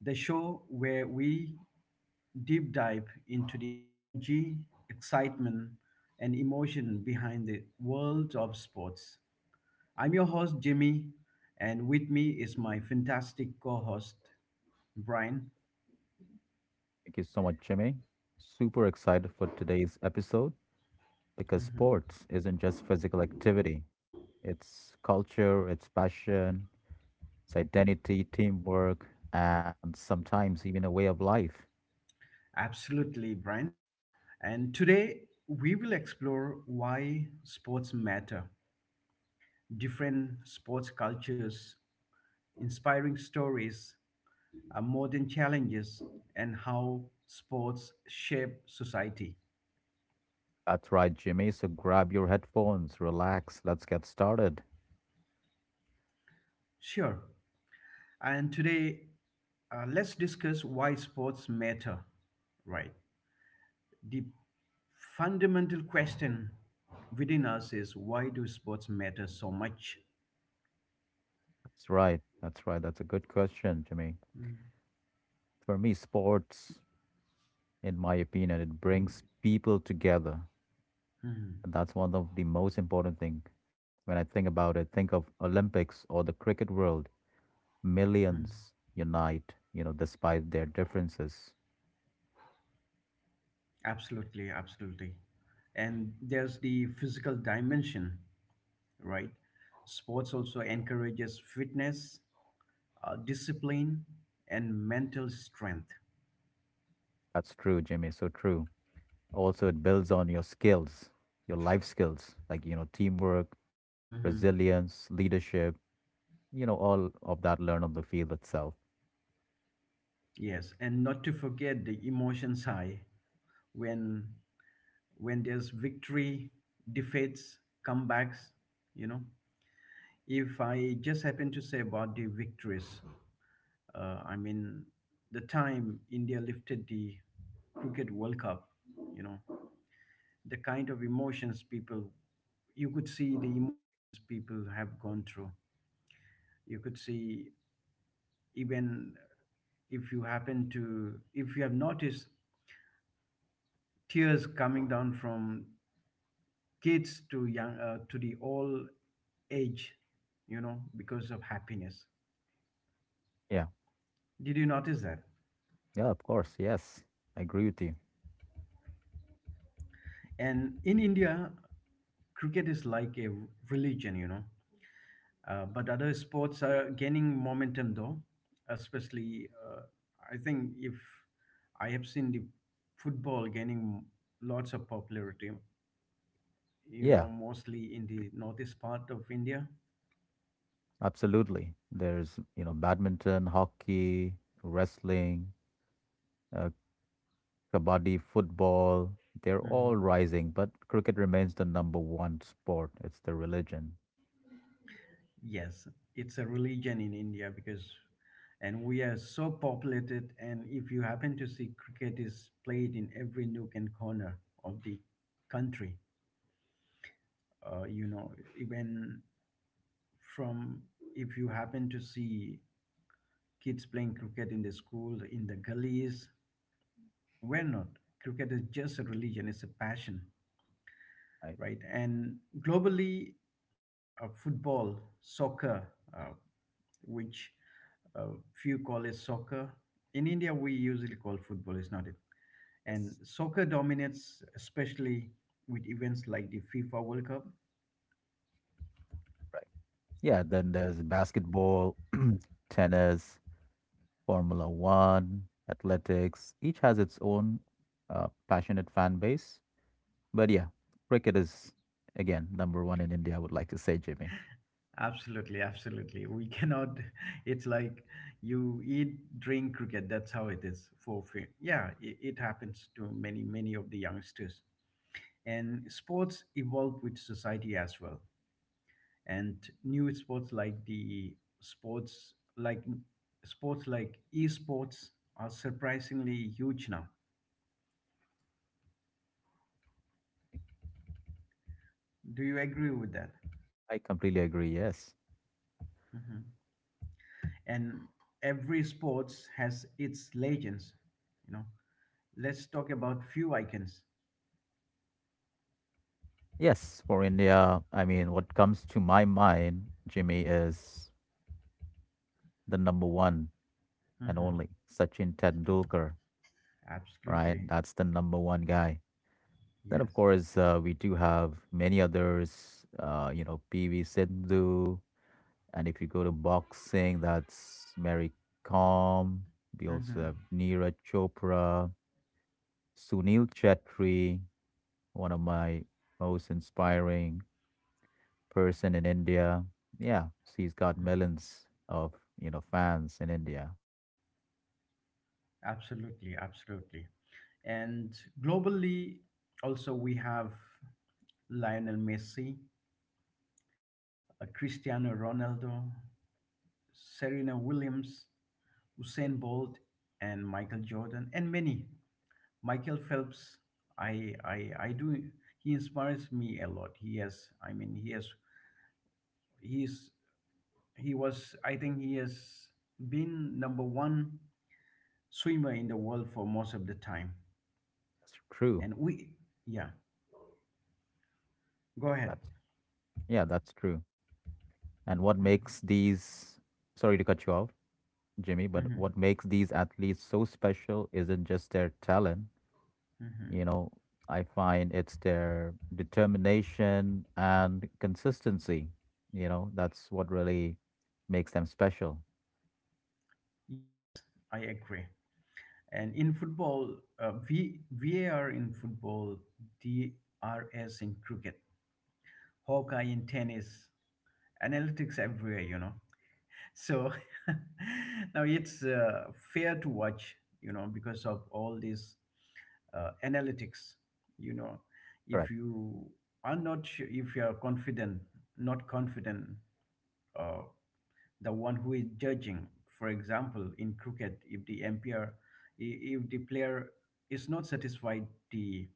the show where we deep dive into the energy, excitement, and emotion behind the world of sports. I'm your host, Jimmy, and with me is my fantastic co host, Brian. Thank you so much, Jimmy. Super excited for today's episode because sports isn't just physical activity, it's culture, it's passion, it's identity, teamwork, and sometimes even a way of life. Absolutely, Brian. And today we will explore why sports matter, different sports cultures, inspiring stories, modern challenges, and how sports shape society. That's right, Jimmy. So grab your headphones, relax, let's get started. Sure. And today, let's discuss why sports matter, right? The fundamental question within us is why do sports matter so much? That's right. That's right. That's a good question, Jimmy. For me, sports, in my opinion, it brings people together. Mhm. That's one of the most important thing. When I think about it, think of Olympics or the cricket world. mhm. Millions unite, you know, despite their differences. Absolutely, absolutely. And there's the physical dimension, right? Sports also encourages fitness, discipline, and mental strength. That's true, Jimmy. So true. Also, it builds on your skills, your life skills, like, you know, teamwork, Hmm resilience, leadership, you know, all of that learn on the field itself. Yes, and not to forget the emotions high when when there's victory, defeats, comebacks. You know, if I just happen to say about the victories, uh, I mean the time India lifted the cricket World Cup. You know, the kind of emotions people you could see the emotions people have gone through. You could see even if you happen to if you have noticed tears coming down from kids to young to the all age, you know, because of happiness. Yeah. Did you notice that? Yeah, of course. Yes. I agree with you. And in India, cricket is like a religion, you know. But other sports are gaining momentum though, especially, I think, if I have seen the football gaining lots of popularity, you know, Yeah, mostly in the northeast part of India. absolutely. There's, you know, badminton, hockey, wrestling, uh, kabaddi, football, they're all Mm-hmm. rising, but cricket remains the number one sport. It's the religion, Yes, it's a religion in India because, and we are so populated. And if you happen to see, cricket is played in every nook and corner of the country. You know, even from, if you happen to see, kids playing cricket in the school, in the gullies, we're not. Cricket is just a religion, it's a passion, right? right? And globally, football, soccer, uh, which uh, few call it soccer. In India, we usually call football, it's not it. And Yes, soccer dominates, especially with events like the FIFA World Cup. right. Yeah, then there's basketball, tennis, Formula One, athletics. Each has its own passionate fan base. But yeah, cricket is, again, number one in India, I would like to say, Jimmy. Absolutely, absolutely. We cannot. It's like you eat, drink cricket. That's how it is for free. Yeah, it happens to many, many of the youngsters. And sports evolve with society as well. And new sports like sports like esports are surprisingly huge now. Do you agree with that? I completely agree. Yes. Hmm And every sports has its legends. You know, let's talk about few icons. Yes, for India, I mean, what comes to my mind, Jimmy, is the number one and Hmm only Sachin Tendulkar, right? Absolutely, That's the number one guy. Then, of yes. course, we do have many others, you know, PV Sindhu. And if you go to boxing, that's Mary Kom. We also hmm have Neeraj Chopra, Sunil Chetri, one of my most inspiring person in India. Yeah, she's got millions of, you know, fans in India. Absolutely, absolutely. And globally, also we have Lionel Messi, Cristiano Ronaldo, Serena Williams, Usain Bolt, and Michael Jordan, and many. Michael Phelps, I do. He inspires me a lot. He has, I mean, he has, he's, he was. I think he has been number one swimmer in the world for most of the time. That's true. And we, yeah, go ahead. That's, yeah, that's true. And what makes these, sorry to cut you off, Jimmy, but Hmm what makes these athletes so special isn't just their talent. hmm You know, I find it's their determination and consistency. You know, that's what really makes them special. Yes, I agree. And in football, VAR in football, DRS in cricket. Hawkeye in tennis, analytics everywhere, you know. So now it's fair to watch, you know, because of all these analytics, you know. If Correct. you are not sure, if you are confident, not confident, uh, the one who is judging, for example, in cricket, if the umpire, if the player is not satisfied, the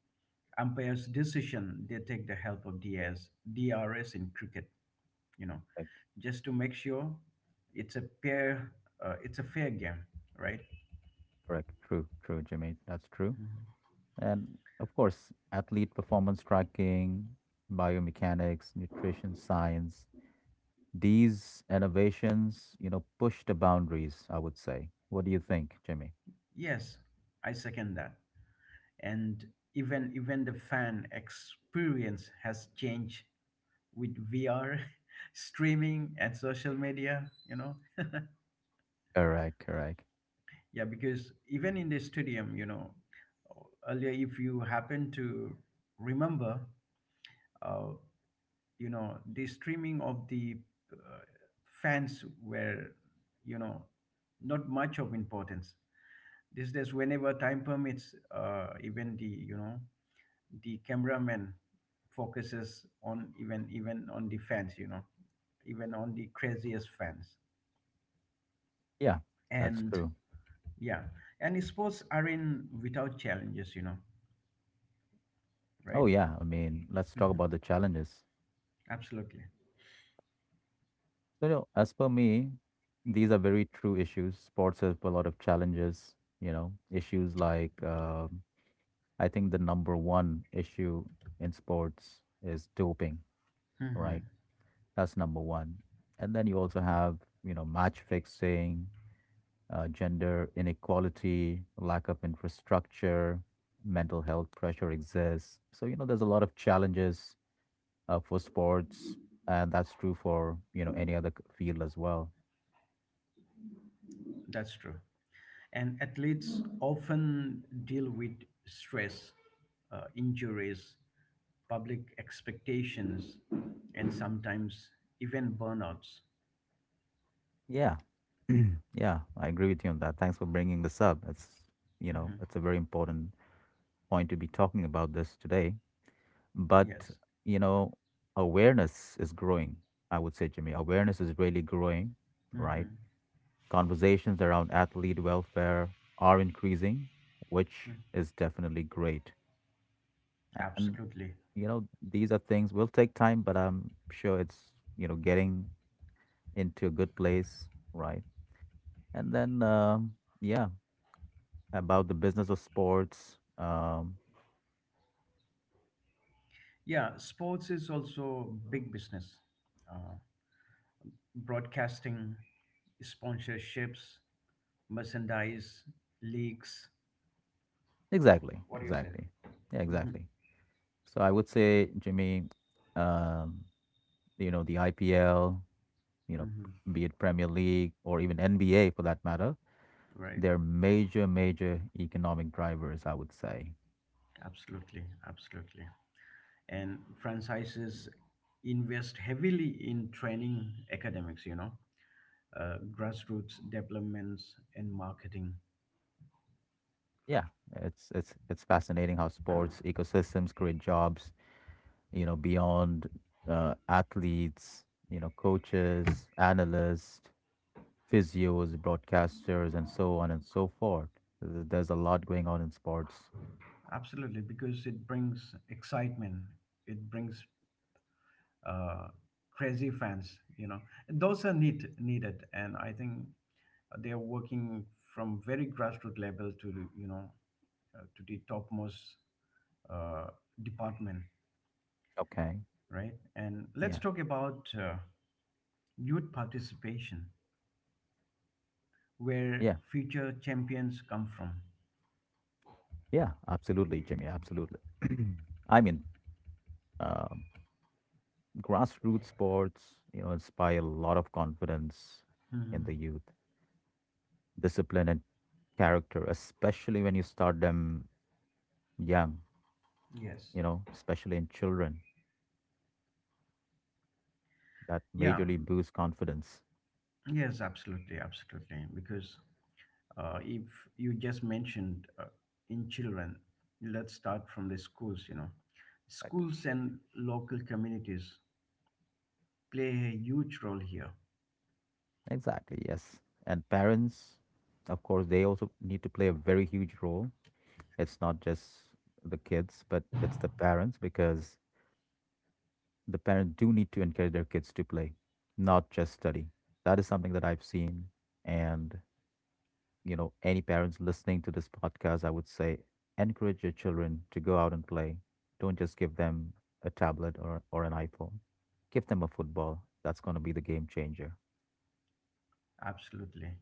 umpire's decision, they take the help of D R S in cricket, you know, Correct. just to make sure it's a fair, it's a fair game, right? Correct. True. True, Jimmy. That's true. And of course, athlete performance tracking, biomechanics, nutrition science, these innovations, you know, push the boundaries, I would say. What do you think, Jimmy? Yes, I second that. And even the fan experience has changed with VR, streaming, and social media. You know, Correct, correct. yeah, because even in the stadium, you know, earlier if you happen to remember, uh, you know, the streaming of the uh, fans were, you know, not much of importance. These days, whenever time permits, even the, you know, the cameraman focuses on even on the fans, you know, even on the craziest fans. Yeah, that's And true. yeah, and sports are not without challenges, you know, Oh, right? yeah. I mean, let's talk about the challenges. Absolutely. So, you know, as per me, these are very true issues. Sports have a lot of challenges, you know, issues like I think the number one issue in sports is doping, right? Mhm. That's number one. And then you also have, you know, match fixing, gender inequality, lack of infrastructure, mental health pressure exists. So, you know, there's a lot of challenges for sports, and that's true for, you know, any other field as well. That's true, and athletes often deal with stress, injuries, public expectations, and sometimes even burnouts. Yeah. Yeah, I agree with you on that. Thanks for bringing this up. It's, you know, Mhm. it's a very important point to be talking about this today. But, Yes. you know, awareness is growing, I would say, Jimmy. Awareness is really growing, right? Mm-hmm. Conversations around athlete welfare are increasing, which Mm-hmm. is definitely great. And, Absolutely. you know, these are things will take time, but I'm sure it's, you know, getting into a good place, right? And then, yeah, about the business of sports. Yeah, sports is also big business. Uh, Broadcasting, sponsorships, merchandise, leaks. Exactly, What do you say? exactly. Yeah, Mm-hmm. exactly. So I would say, Jimmy, um, you know, the IPL, you know, Mm-hmm. be it Premier League or even NBA for that matter. Right. They're major, major economic drivers, I would say. Absolutely. Absolutely. And franchises invest heavily in training academics, you know, grassroots developments and marketing. Yeah, it's fascinating how sports ecosystems create jobs, you know, beyond athletes, you know, coaches, analysts, physios, broadcasters, and so on and so forth. There's a lot going on in sports. Absolutely, because it brings excitement, it brings uh, crazy fans. You know, those are needed, and I think they are working from very grassroots level to the, you know, to the topmost uh, department, Okay. right? And let's Yeah. talk about youth participation, where Yeah. future champions come from. Yeah, absolutely, Jimmy. Absolutely. I mean, uh, grassroots sports, you know, inspire a lot of confidence in the Mhm. youth, discipline and character, especially when you start them young, Yes. you know, especially in children. That Yeah. majorly boosts confidence. Yes. Absolutely. Absolutely. Because if you just mentioned, in children, let's start from the schools, you know, Like, schools and local communities play a huge role here. exactly, yes. And parents, of course, they also need to play a very huge role. It's not just the kids, but it's the parents because the parents do need to encourage their kids to play, not just study. That is something that I've seen. And, you know, any parents listening to this podcast, I would say encourage your children to go out and play. Don't just give them a tablet or an iPhone. Give them a football. That's going to be the game changer. Absolutely,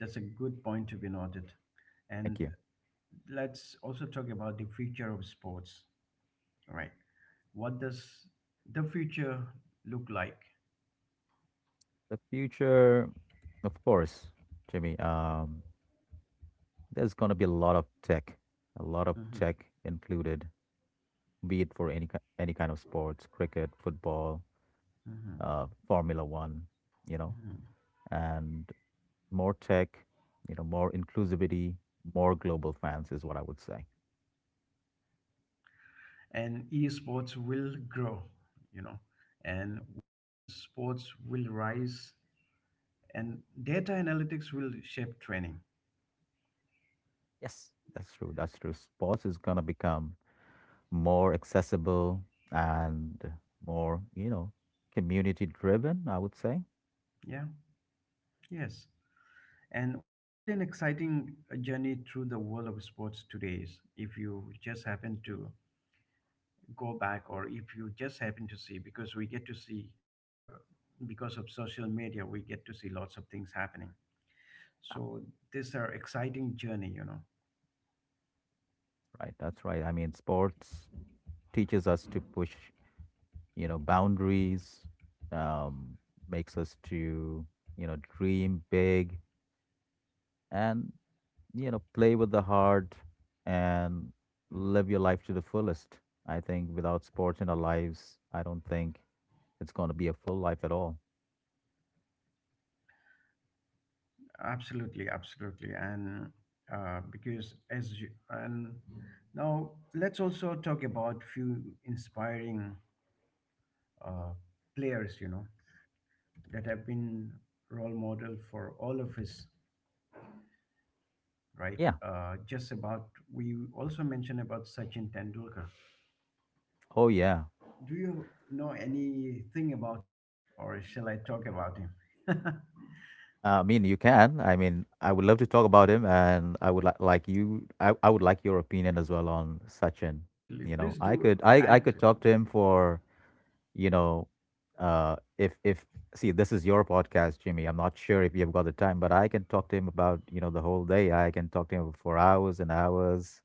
that's a good point to be noted. And Thank you. let's also talk about the future of sports. All right, what does the future look like? The future, of course, Jimmy, there's going to be a lot of tech, a lot of Mhm, tech included, be it for any kind of sports, cricket, football, mhm, Formula One, you know, mhm. and more tech, you know, more inclusivity, more global fans is what I would say. And esports will grow, you know, and women's sports will rise, and data analytics will shape training. Yes, that's true. That's true. Sports is going to become more accessible and more, you know, community driven, I would say. Yeah, yes. And what an exciting journey through the world of sports today is, if you just happen to go back, or if you just happen to see, because we get to see, uh, because of social media we get to see lots of things happening. That's So these are exciting journey, you know. right. That's right. I mean, sports teaches us to push, you know, boundaries, um, makes us to, you know, dream big, and, you know, play with the heart and live your life to the fullest. I think without sports in our lives, I don't think it's going to be a full life at all. Absolutely, absolutely. And because as you and now let's also talk about few inspiring uh, players, you know, that have been role model for all of us, right? Yeah, Just about, we also mentioned about Sachin Tendulkar. oh yeah. Do you know anything about him, or shall I talk about him? I mean, you can. I mean, I would love to talk about him, and I would like your opinion as well on Sachin. Absolutely, You please know, i do could i i add. could talk to him for, you know, if see, this is your podcast, Jimmy. I'm not sure if you've got the time, but I can talk to him about, you know, the whole day. I can talk to him for hours and hours,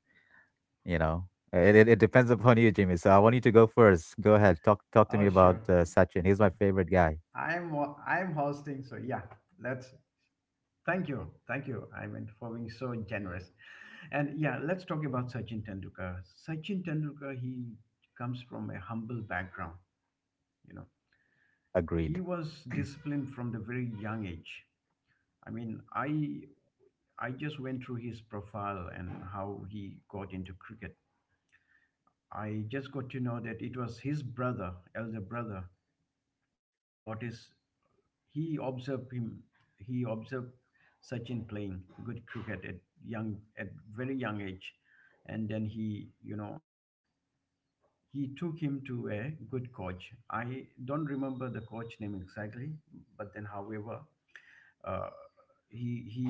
you know. It depends upon you, Jimmy. So I want you to go first. Go ahead, talk to Oh, me about, sure. Sachin. He's my favorite guy. I'm I'm hosting, so yeah. Let's, thank you, thank you. I mean, for being so generous. And yeah, let's talk about Sachin Tendulkar. Sachin Tendulkar, he comes from a humble background, you know. Agreed. He was disciplined from the very young age. i mean i I just went through his profile and how he got into cricket. I just got to know that it was his brother, elder brother, that noticed. He observed him. He observed Sachin playing good cricket at young, at very young age. And then he, you know, he took him to a good coach. I don't remember the coach name exactly, but then however, uh, he he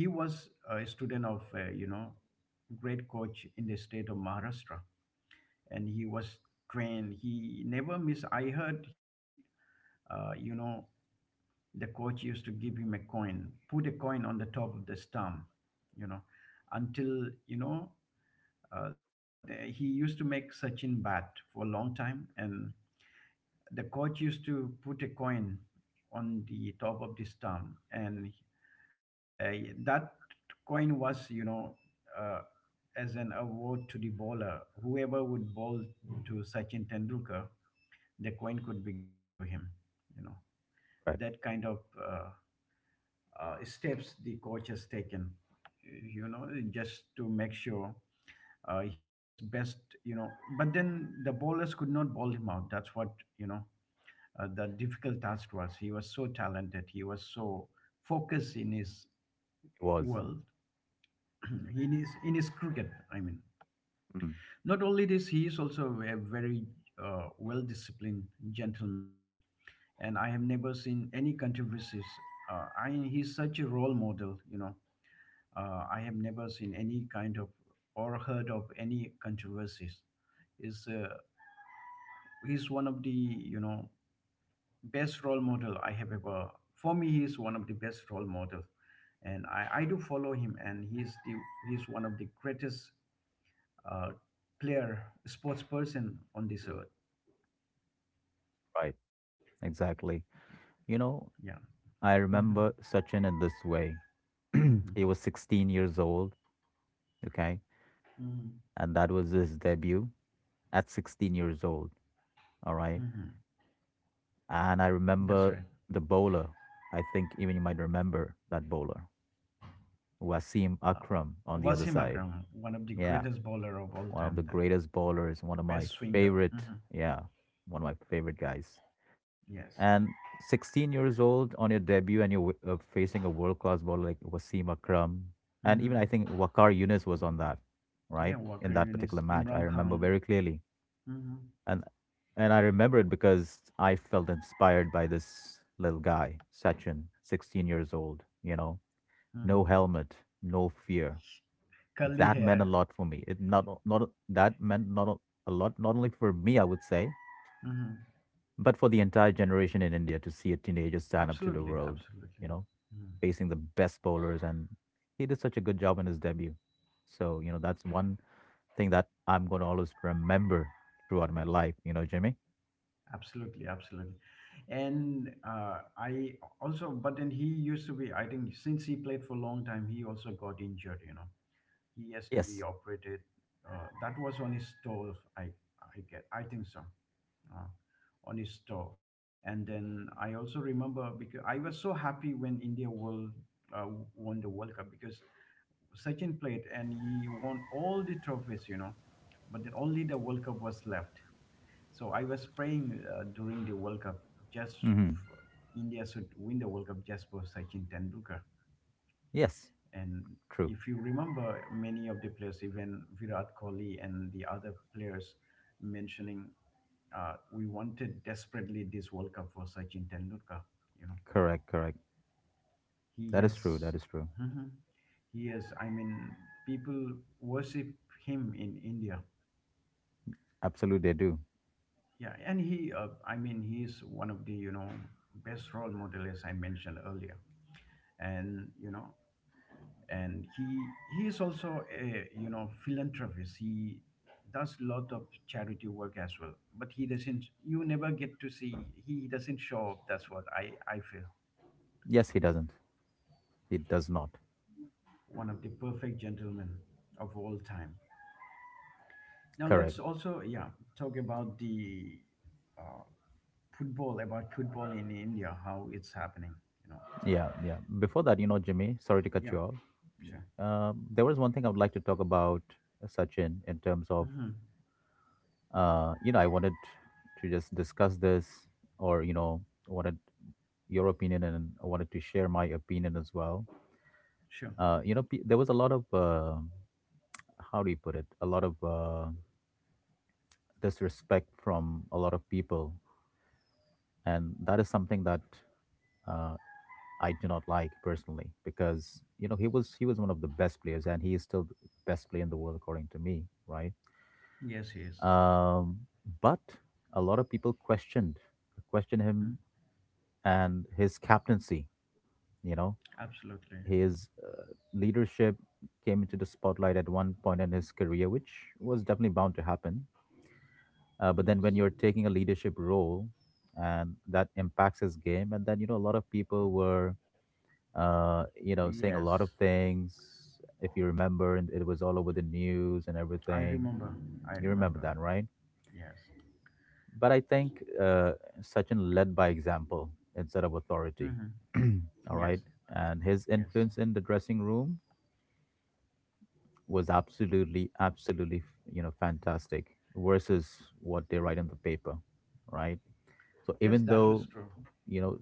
he was a student of, you know, great coach in the state of Maharashtra, and he was trained. He never missed. I heard he, you know, the coach used to give him a coin, put a coin on the top of the stump, you know, until you know. Uh, he used to make Sachin bat for a long time, and the coach used to put a coin on the top of the stump, and Uh, that coin was, you know, uh, as an award to the bowler. Whoever would bowl to Sachin Tendulkar, the coin could be given to him. You know, Right. that kind of steps the coach has taken, you know, just to make sure he gets best, you know. But then the bowlers could not bowl him out. That's what, you know, the difficult task was. He was so talented. He was so focused in his It was world in his cricket, I mean. mm, Not only this, he is also a very well disciplined gentleman, and I have never seen any controversies. I He's such a role model, you know. I have never seen any kind of or heard of any controversies is, he's one of the you know best role model I have ever for me he is one of the best role model. And I do follow him, and he's the, he's one of the greatest uh, player, sports person on this earth. right, exactly, you know. Yeah. I hmm remember Sachin in this way. hmm He was 16 years old, okay, hmm and that was his debut at 16 years old, all right. hmm And I That's remember right. the bowler. I think even you might remember that bowler, Wasim Uh, Akram, on the other Wasim side. Akram, one of the Yeah, greatest bowler of all one of the time, the greatest bowlers, one of my best swinger. favorite. Hmm Yeah, one of my favorite guys. Yes. And 16 years old on your debut, and you're facing a world class bowler like Wasim Akram. And even I hmm think Wakar Yunus was on that, Yeah, right? Walker In that Yunus, particular match. I Imran remember Khan. very clearly. Hmm And and I remember it because I felt inspired by this little guy, Sachin, 16 years old, you know, no hmm helmet, no fear. Curly That meant a hair. lot for me. It not o- not o- that meant not o- a lot not only for me, I would say, Hmm but for the entire generation in India to see a teenager stand up to the Absolutely, world, you absolutely. know, Mm-hmm. facing the best bowlers, and he did such a good job in his debut. So, you know, that's one thing that I'm going to always remember throughout my life, you know, Jimmy. Absolutely, absolutely. And I also, but then he used to be, I think, since he played for a long time, he also got injured, you know. He has to be Yes. operated. Uh, that was on his toe, I think so, uh, on his toe. And then I also remember because I was so happy when India world uh, won the World Cup because Sachin played and he won all the trophies, you know, but then only the World Cup was left. So I was praying during the World Cup just Mhm. for India should win the World Cup just for Sachin Tendulkar. Yes, And true. if you remember, many of the players, even Virat Kohli and the other players, mentioning, we wanted desperately this World Cup for Sachin Tendulkar. You know, Correct, correct. he That is true. has, That is true. Mhm. he has. I mean, people worship him in India. Absolutely, they do. Yeah, and he, he is one of the best role model as I mentioned earlier. And and he is also a philanthropist. He does lot of charity work as well, but he doesn't, you never get to see, he doesn't show up. That's what I feel. Yes, he doesn't. He does not. One of the perfect gentlemen of all time. Now Correct. let's also, yeah, talk about the uh, football, about football in India, how it's happening, you know. Yeah, yeah. Before that, you know, Jimmy, sorry to cut Yeah, you off. sure. There was one thing I would like to talk about, Sachin, in terms of, Hmm. You know, I wanted to just discuss this or, you know, wanted your opinion, and I wanted to share my opinion as well. Sure. You know, there was a lot of, how do you put it? A lot of disrespect from a lot of people, and that is something that uh, I do not like personally, because, you know, he was one of the best players, and he is still the best player in the world according to me, right? Yes, yes. Um, but a lot of people questioned Hmm. him and his captaincy. You know, Absolutely. his leadership came into the spotlight at one point in his career, which was definitely bound to happen. But Yes, then when you're taking a leadership role and that impacts his game, and then, you know, a lot of people were, you know, saying a lot yes. of things. If you remember, and it was all over the news and I everything. remember. I You remember remember. that, right? Yes. But I think, Sachin led by example instead of authority. Hmm. All Yes. right, and his Yes. influence in the dressing room was absolutely, absolutely, you know, fantastic versus what they write in the paper, right? So Yes, even that though was true. you know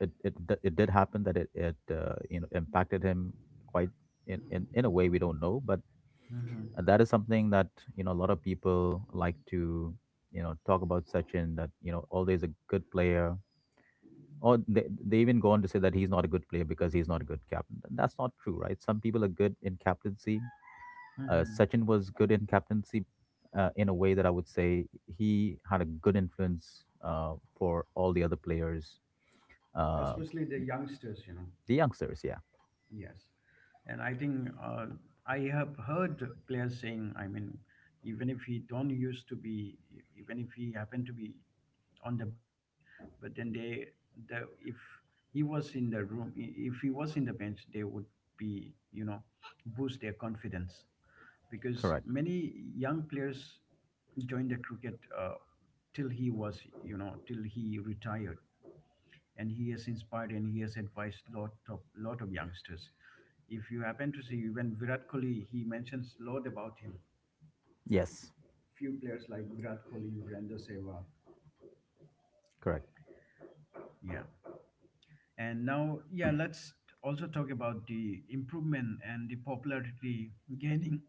it did happen that it impacted him quite in a way we don't know, but Hmm. that is something that a lot of people like to talk about Sachin, that always a good player, or they even go on to say that he's not a good player because he's not a good captain. And that's not true, right? Some people are good in captaincy. Hmm. Sachin was good in captaincy, in a way that I would say he had a good influence for all the other players. uh, Especially the youngsters, you know. the youngsters, yeah. Yes. And I think I have heard players saying, I mean, even if he don't used to be, even if he happened to be on the bench, but then they, the if he was in the room, if he was in the bench, they would be, you know, boost their confidence, because Correct. many young players joined the cricket, till he was, till he retired. And he has inspired and he has advised lot of youngsters. If you happen to see, when Virat Kohli, he mentions lot about him. Yes, Few players like Virat Kohli, Virendra Sehwag. correct. Yeah. And now, yeah, let's also talk about the improvement and the popularity gaining,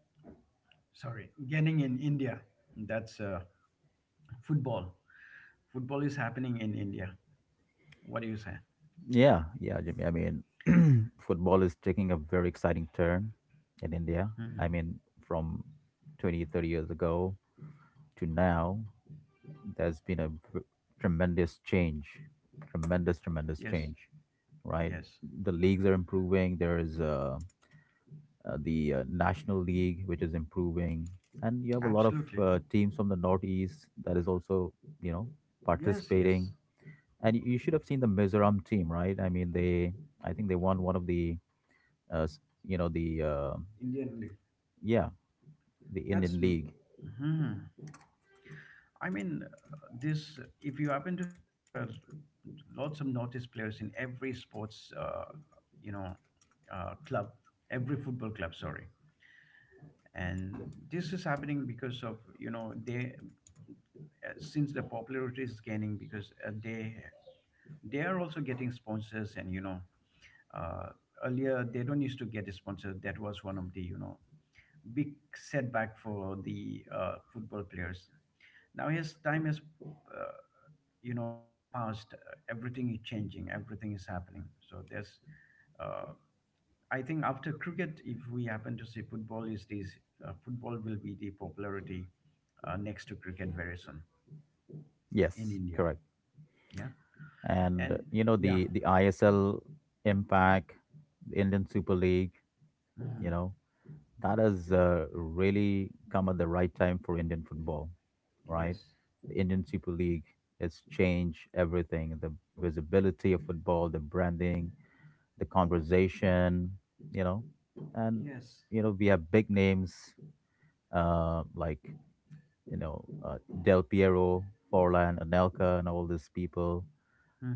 sorry, gaining in India. That's football. Football is happening in India. What do you say? Yeah, yeah, Jimmy. I mean, football is taking a very exciting turn in India. I Mhm. mean, from 20-30 years ago to now, there's been a tremendous change, tremendous Yes, change, right? yes, The leagues are improving. There is the National League, which is improving. And you have a lot of absolutely. Teams from the Northeast that is also, you know, Yes, yes. participating. And you should have seen the Mizoram team, right? I mean, I think they won one of the, uh, s- you know, the, uh, Indian leaf. yeah, the That's. Indian League. Mhm. I mean, this. If you happen to see, there are lots of notice players in every sports, you know, club, every football club. Sorry, and this is happening because of, you know, they, since the popularity is gaining, because they are also getting sponsors, and you know. Uh, earlier, they don't used to get sponsored. That was one of the big setback for the football players. Now his time has, you know, passed. Everything is changing. Everything is happening. So there's. Uh, I think after cricket, if we happen to see, football is this, football will be the popularity next to cricket very soon in Yes, India. correct. Yeah, And and yeah. the ISL Impact, the Indian Super League. You Mhm. know, that has really come at the right time for Indian football, right? Yes, The Indian Super League has changed everything: the visibility of football, the branding, the conversation, you know, and yes. We have big names like Del Piero, Forlan, Anelka, and all these people.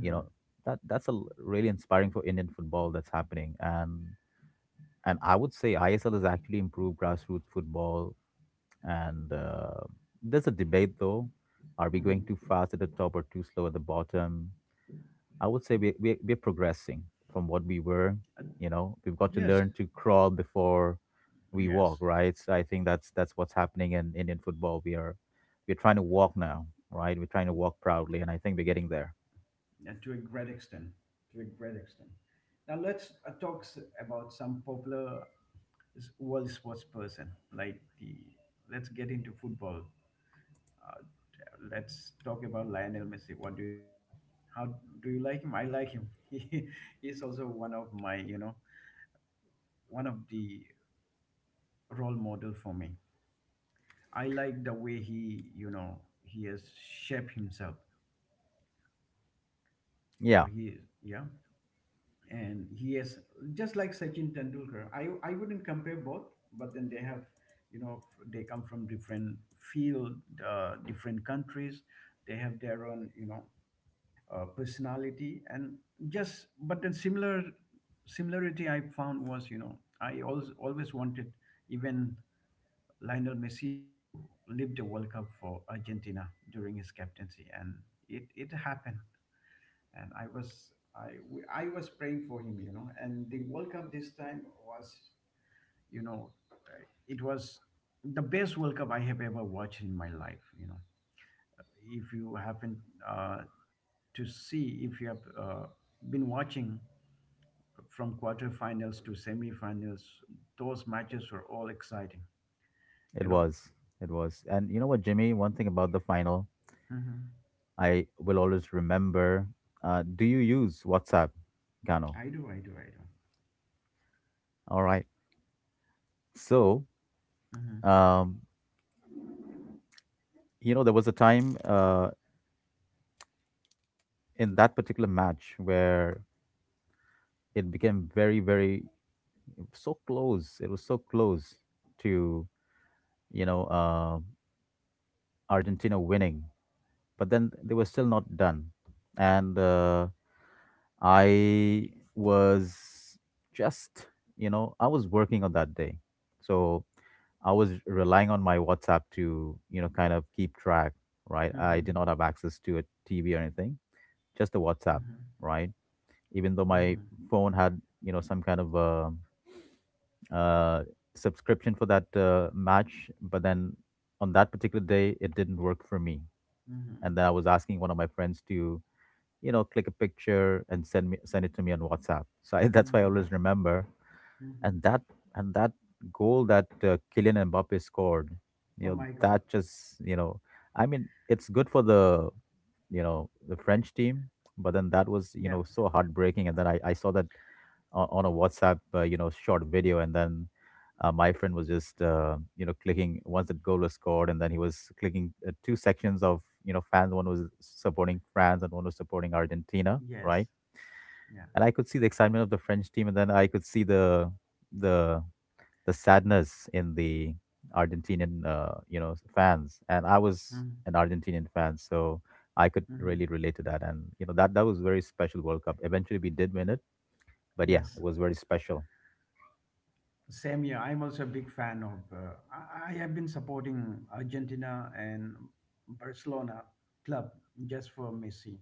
You know that's really inspiring for Indian football that's happening, and I would say ISL has actually improved grassroots football. And there's a debate though: are we going too Mhm. fast at the top or too slow at the bottom? I would say we're progressing from what we were. You know, we've got to Yes, learn to crawl before we walk, yes. right? So I think that's what's happening in Indian football. We're trying to walk now, right? We're trying to walk proudly, and I think we're getting there. Yeah, to a great extent. To a great extent. Now let's, talk about some popular world sports person. Like the, let's get into football. Uh, let's talk about Lionel Messi. What do you say? How do you like him? I like him. He is also one of my, one of the role model for me. I like the way he, he has shaped himself. Or Yeah, he, yeah. And he is just like Sachin Tendulkar. I wouldn't compare both, but then they have, you know, they come from different field, different countries. They have their own, you know, personality and just. But then similarity I found was, you know, I always wanted even Lionel Messi to live the World Cup for Argentina during his captaincy, and it happened. And I was, I was praying for him, you know. And the World Cup this time was, you know, uh, it was the best World Cup I have ever watched in my life. You know, if you happen uh, to see, if you have been watching from quarterfinals to semifinals, those matches were all exciting. it You know. was, it was. And you know what, Jimmy? One thing about the final, Hmm. I will always remember. Do you use WhatsApp, Gano? I do. I do. I do. All right. So, Mhm, um, you know, there was a time in that particular match where it became very very so close, it was so close to you know uh, Argentina winning, but then they were still not done. And I was just, you know, I was working on that day, so I was relying on my WhatsApp to, you know, kind of keep track, right? I did mhm, not have access to a TV or anything, just a WhatsApp, mhm, right? Even though my mhm, phone had, you know, some kind of uh, subscription for that match, but then on that particular day, it didn't work for me. And mhm, then I was asking one of my friends to, you know, click a picture and send it to me on WhatsApp. So I, that's why I always mhm, remember. And mhm. that and that goal that Kylian Mbappe scored, you Oh know, my God. that just you know, I mean, it's good for the, you know, the French team, but then that was, you Yeah. know, so heartbreaking. And then I saw that on a WhatsApp, short video, and then my friend was just, clicking once the goal was scored, and then he was clicking two sections of, you know, fans. One was supporting France, and one was supporting Argentina, Yes. right? Yeah. And I could see the excitement of the French team, and then I could see the the sadness in the Argentinian, fans. And I was Mhm. an Argentinian fan, so I could Mhm. really relate to that. And you know, that was very special World Cup. Eventually, we did win it, but yeah, Yes. it was very special. Same here. I'm also a big fan of. I have been supporting Argentina and Barcelona club just for Messi.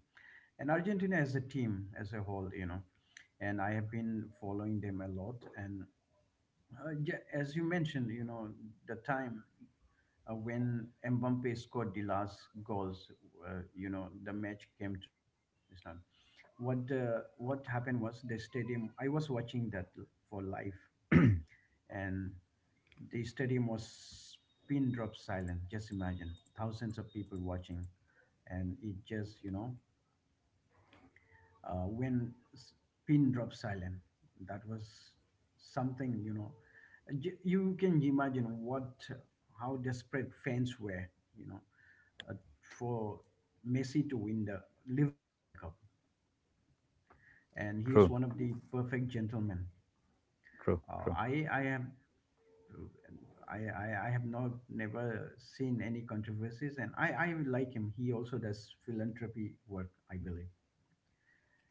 And Argentina as a team as a whole, you know. And I have been following them a lot. And as you mentioned, you know, the time when Mbappe scored the last goals, you know, the match came to draw. It's not what, what happened was the stadium. I was watching that for live, and the stadium was pin drop silent. Just imagine, thousands of people watching, and it just, you know, when pin drop silent. That was something, you know. You can imagine what, how desperate fans were, you know, uh, for Messi to win the, live the World Cup. And he is True, one of the perfect gentlemen. true, uh, true, i i have I have not never seen any controversies, and I like him. He also does philanthropy work, I believe,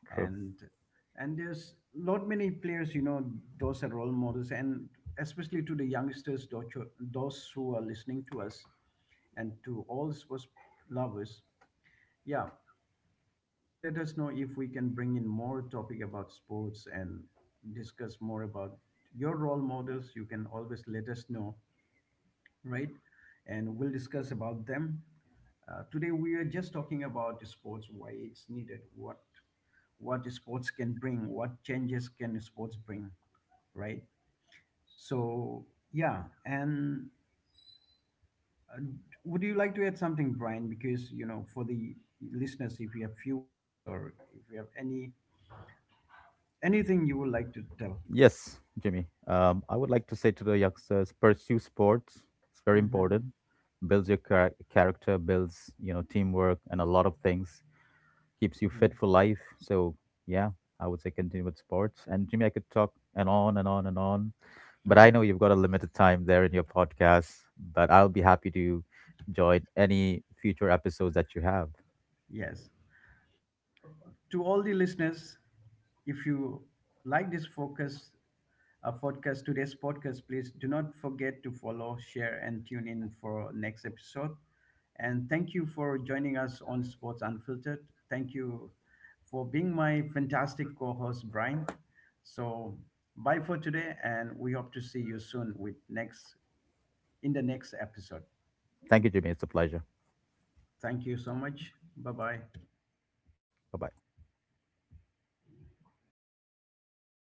true. and. And there's lot many players, you know. Those are role models, and especially to the youngsters, those who, are listening to us, and to all sports lovers. Yeah, please do let us know if we can bring in more topic about sports and discuss more about your role models. You can always let us know, right? And we'll discuss about them. Today we are just talking about sports, why it's needed, what, sports can bring, what changes can sports bring, right? So yeah, and uh, would you like to add something, Brian? Because you know, for the listeners, if you have few words or if you have anything you would like to tell. Yes, Jimmy. I would like to say to the youngsters, pursue sports. It's very Hmm. important. Builds your character, builds, you know, teamwork, and a lot of things. Keeps you Hmm. fit for life. So yeah, I would say continue with sports. And Jimmy, I could talk and on and on and on, but I Hmm. know you've got a limited time there in your podcast. But I'll be happy to join any future episodes that you have. Yes. So to all the listeners, if you like this focus, podcast, today's podcast, please do not forget to follow, share, and tune in for next episode. And thank you for joining us on Sports Unfiltered. Thank you for being my fantastic co host, Brian. So, bye for today, and we hope to see you soon with next, in the next episode. Thank you, Jimmy. It's a pleasure. Thank you so much. Bye bye. Bye bye.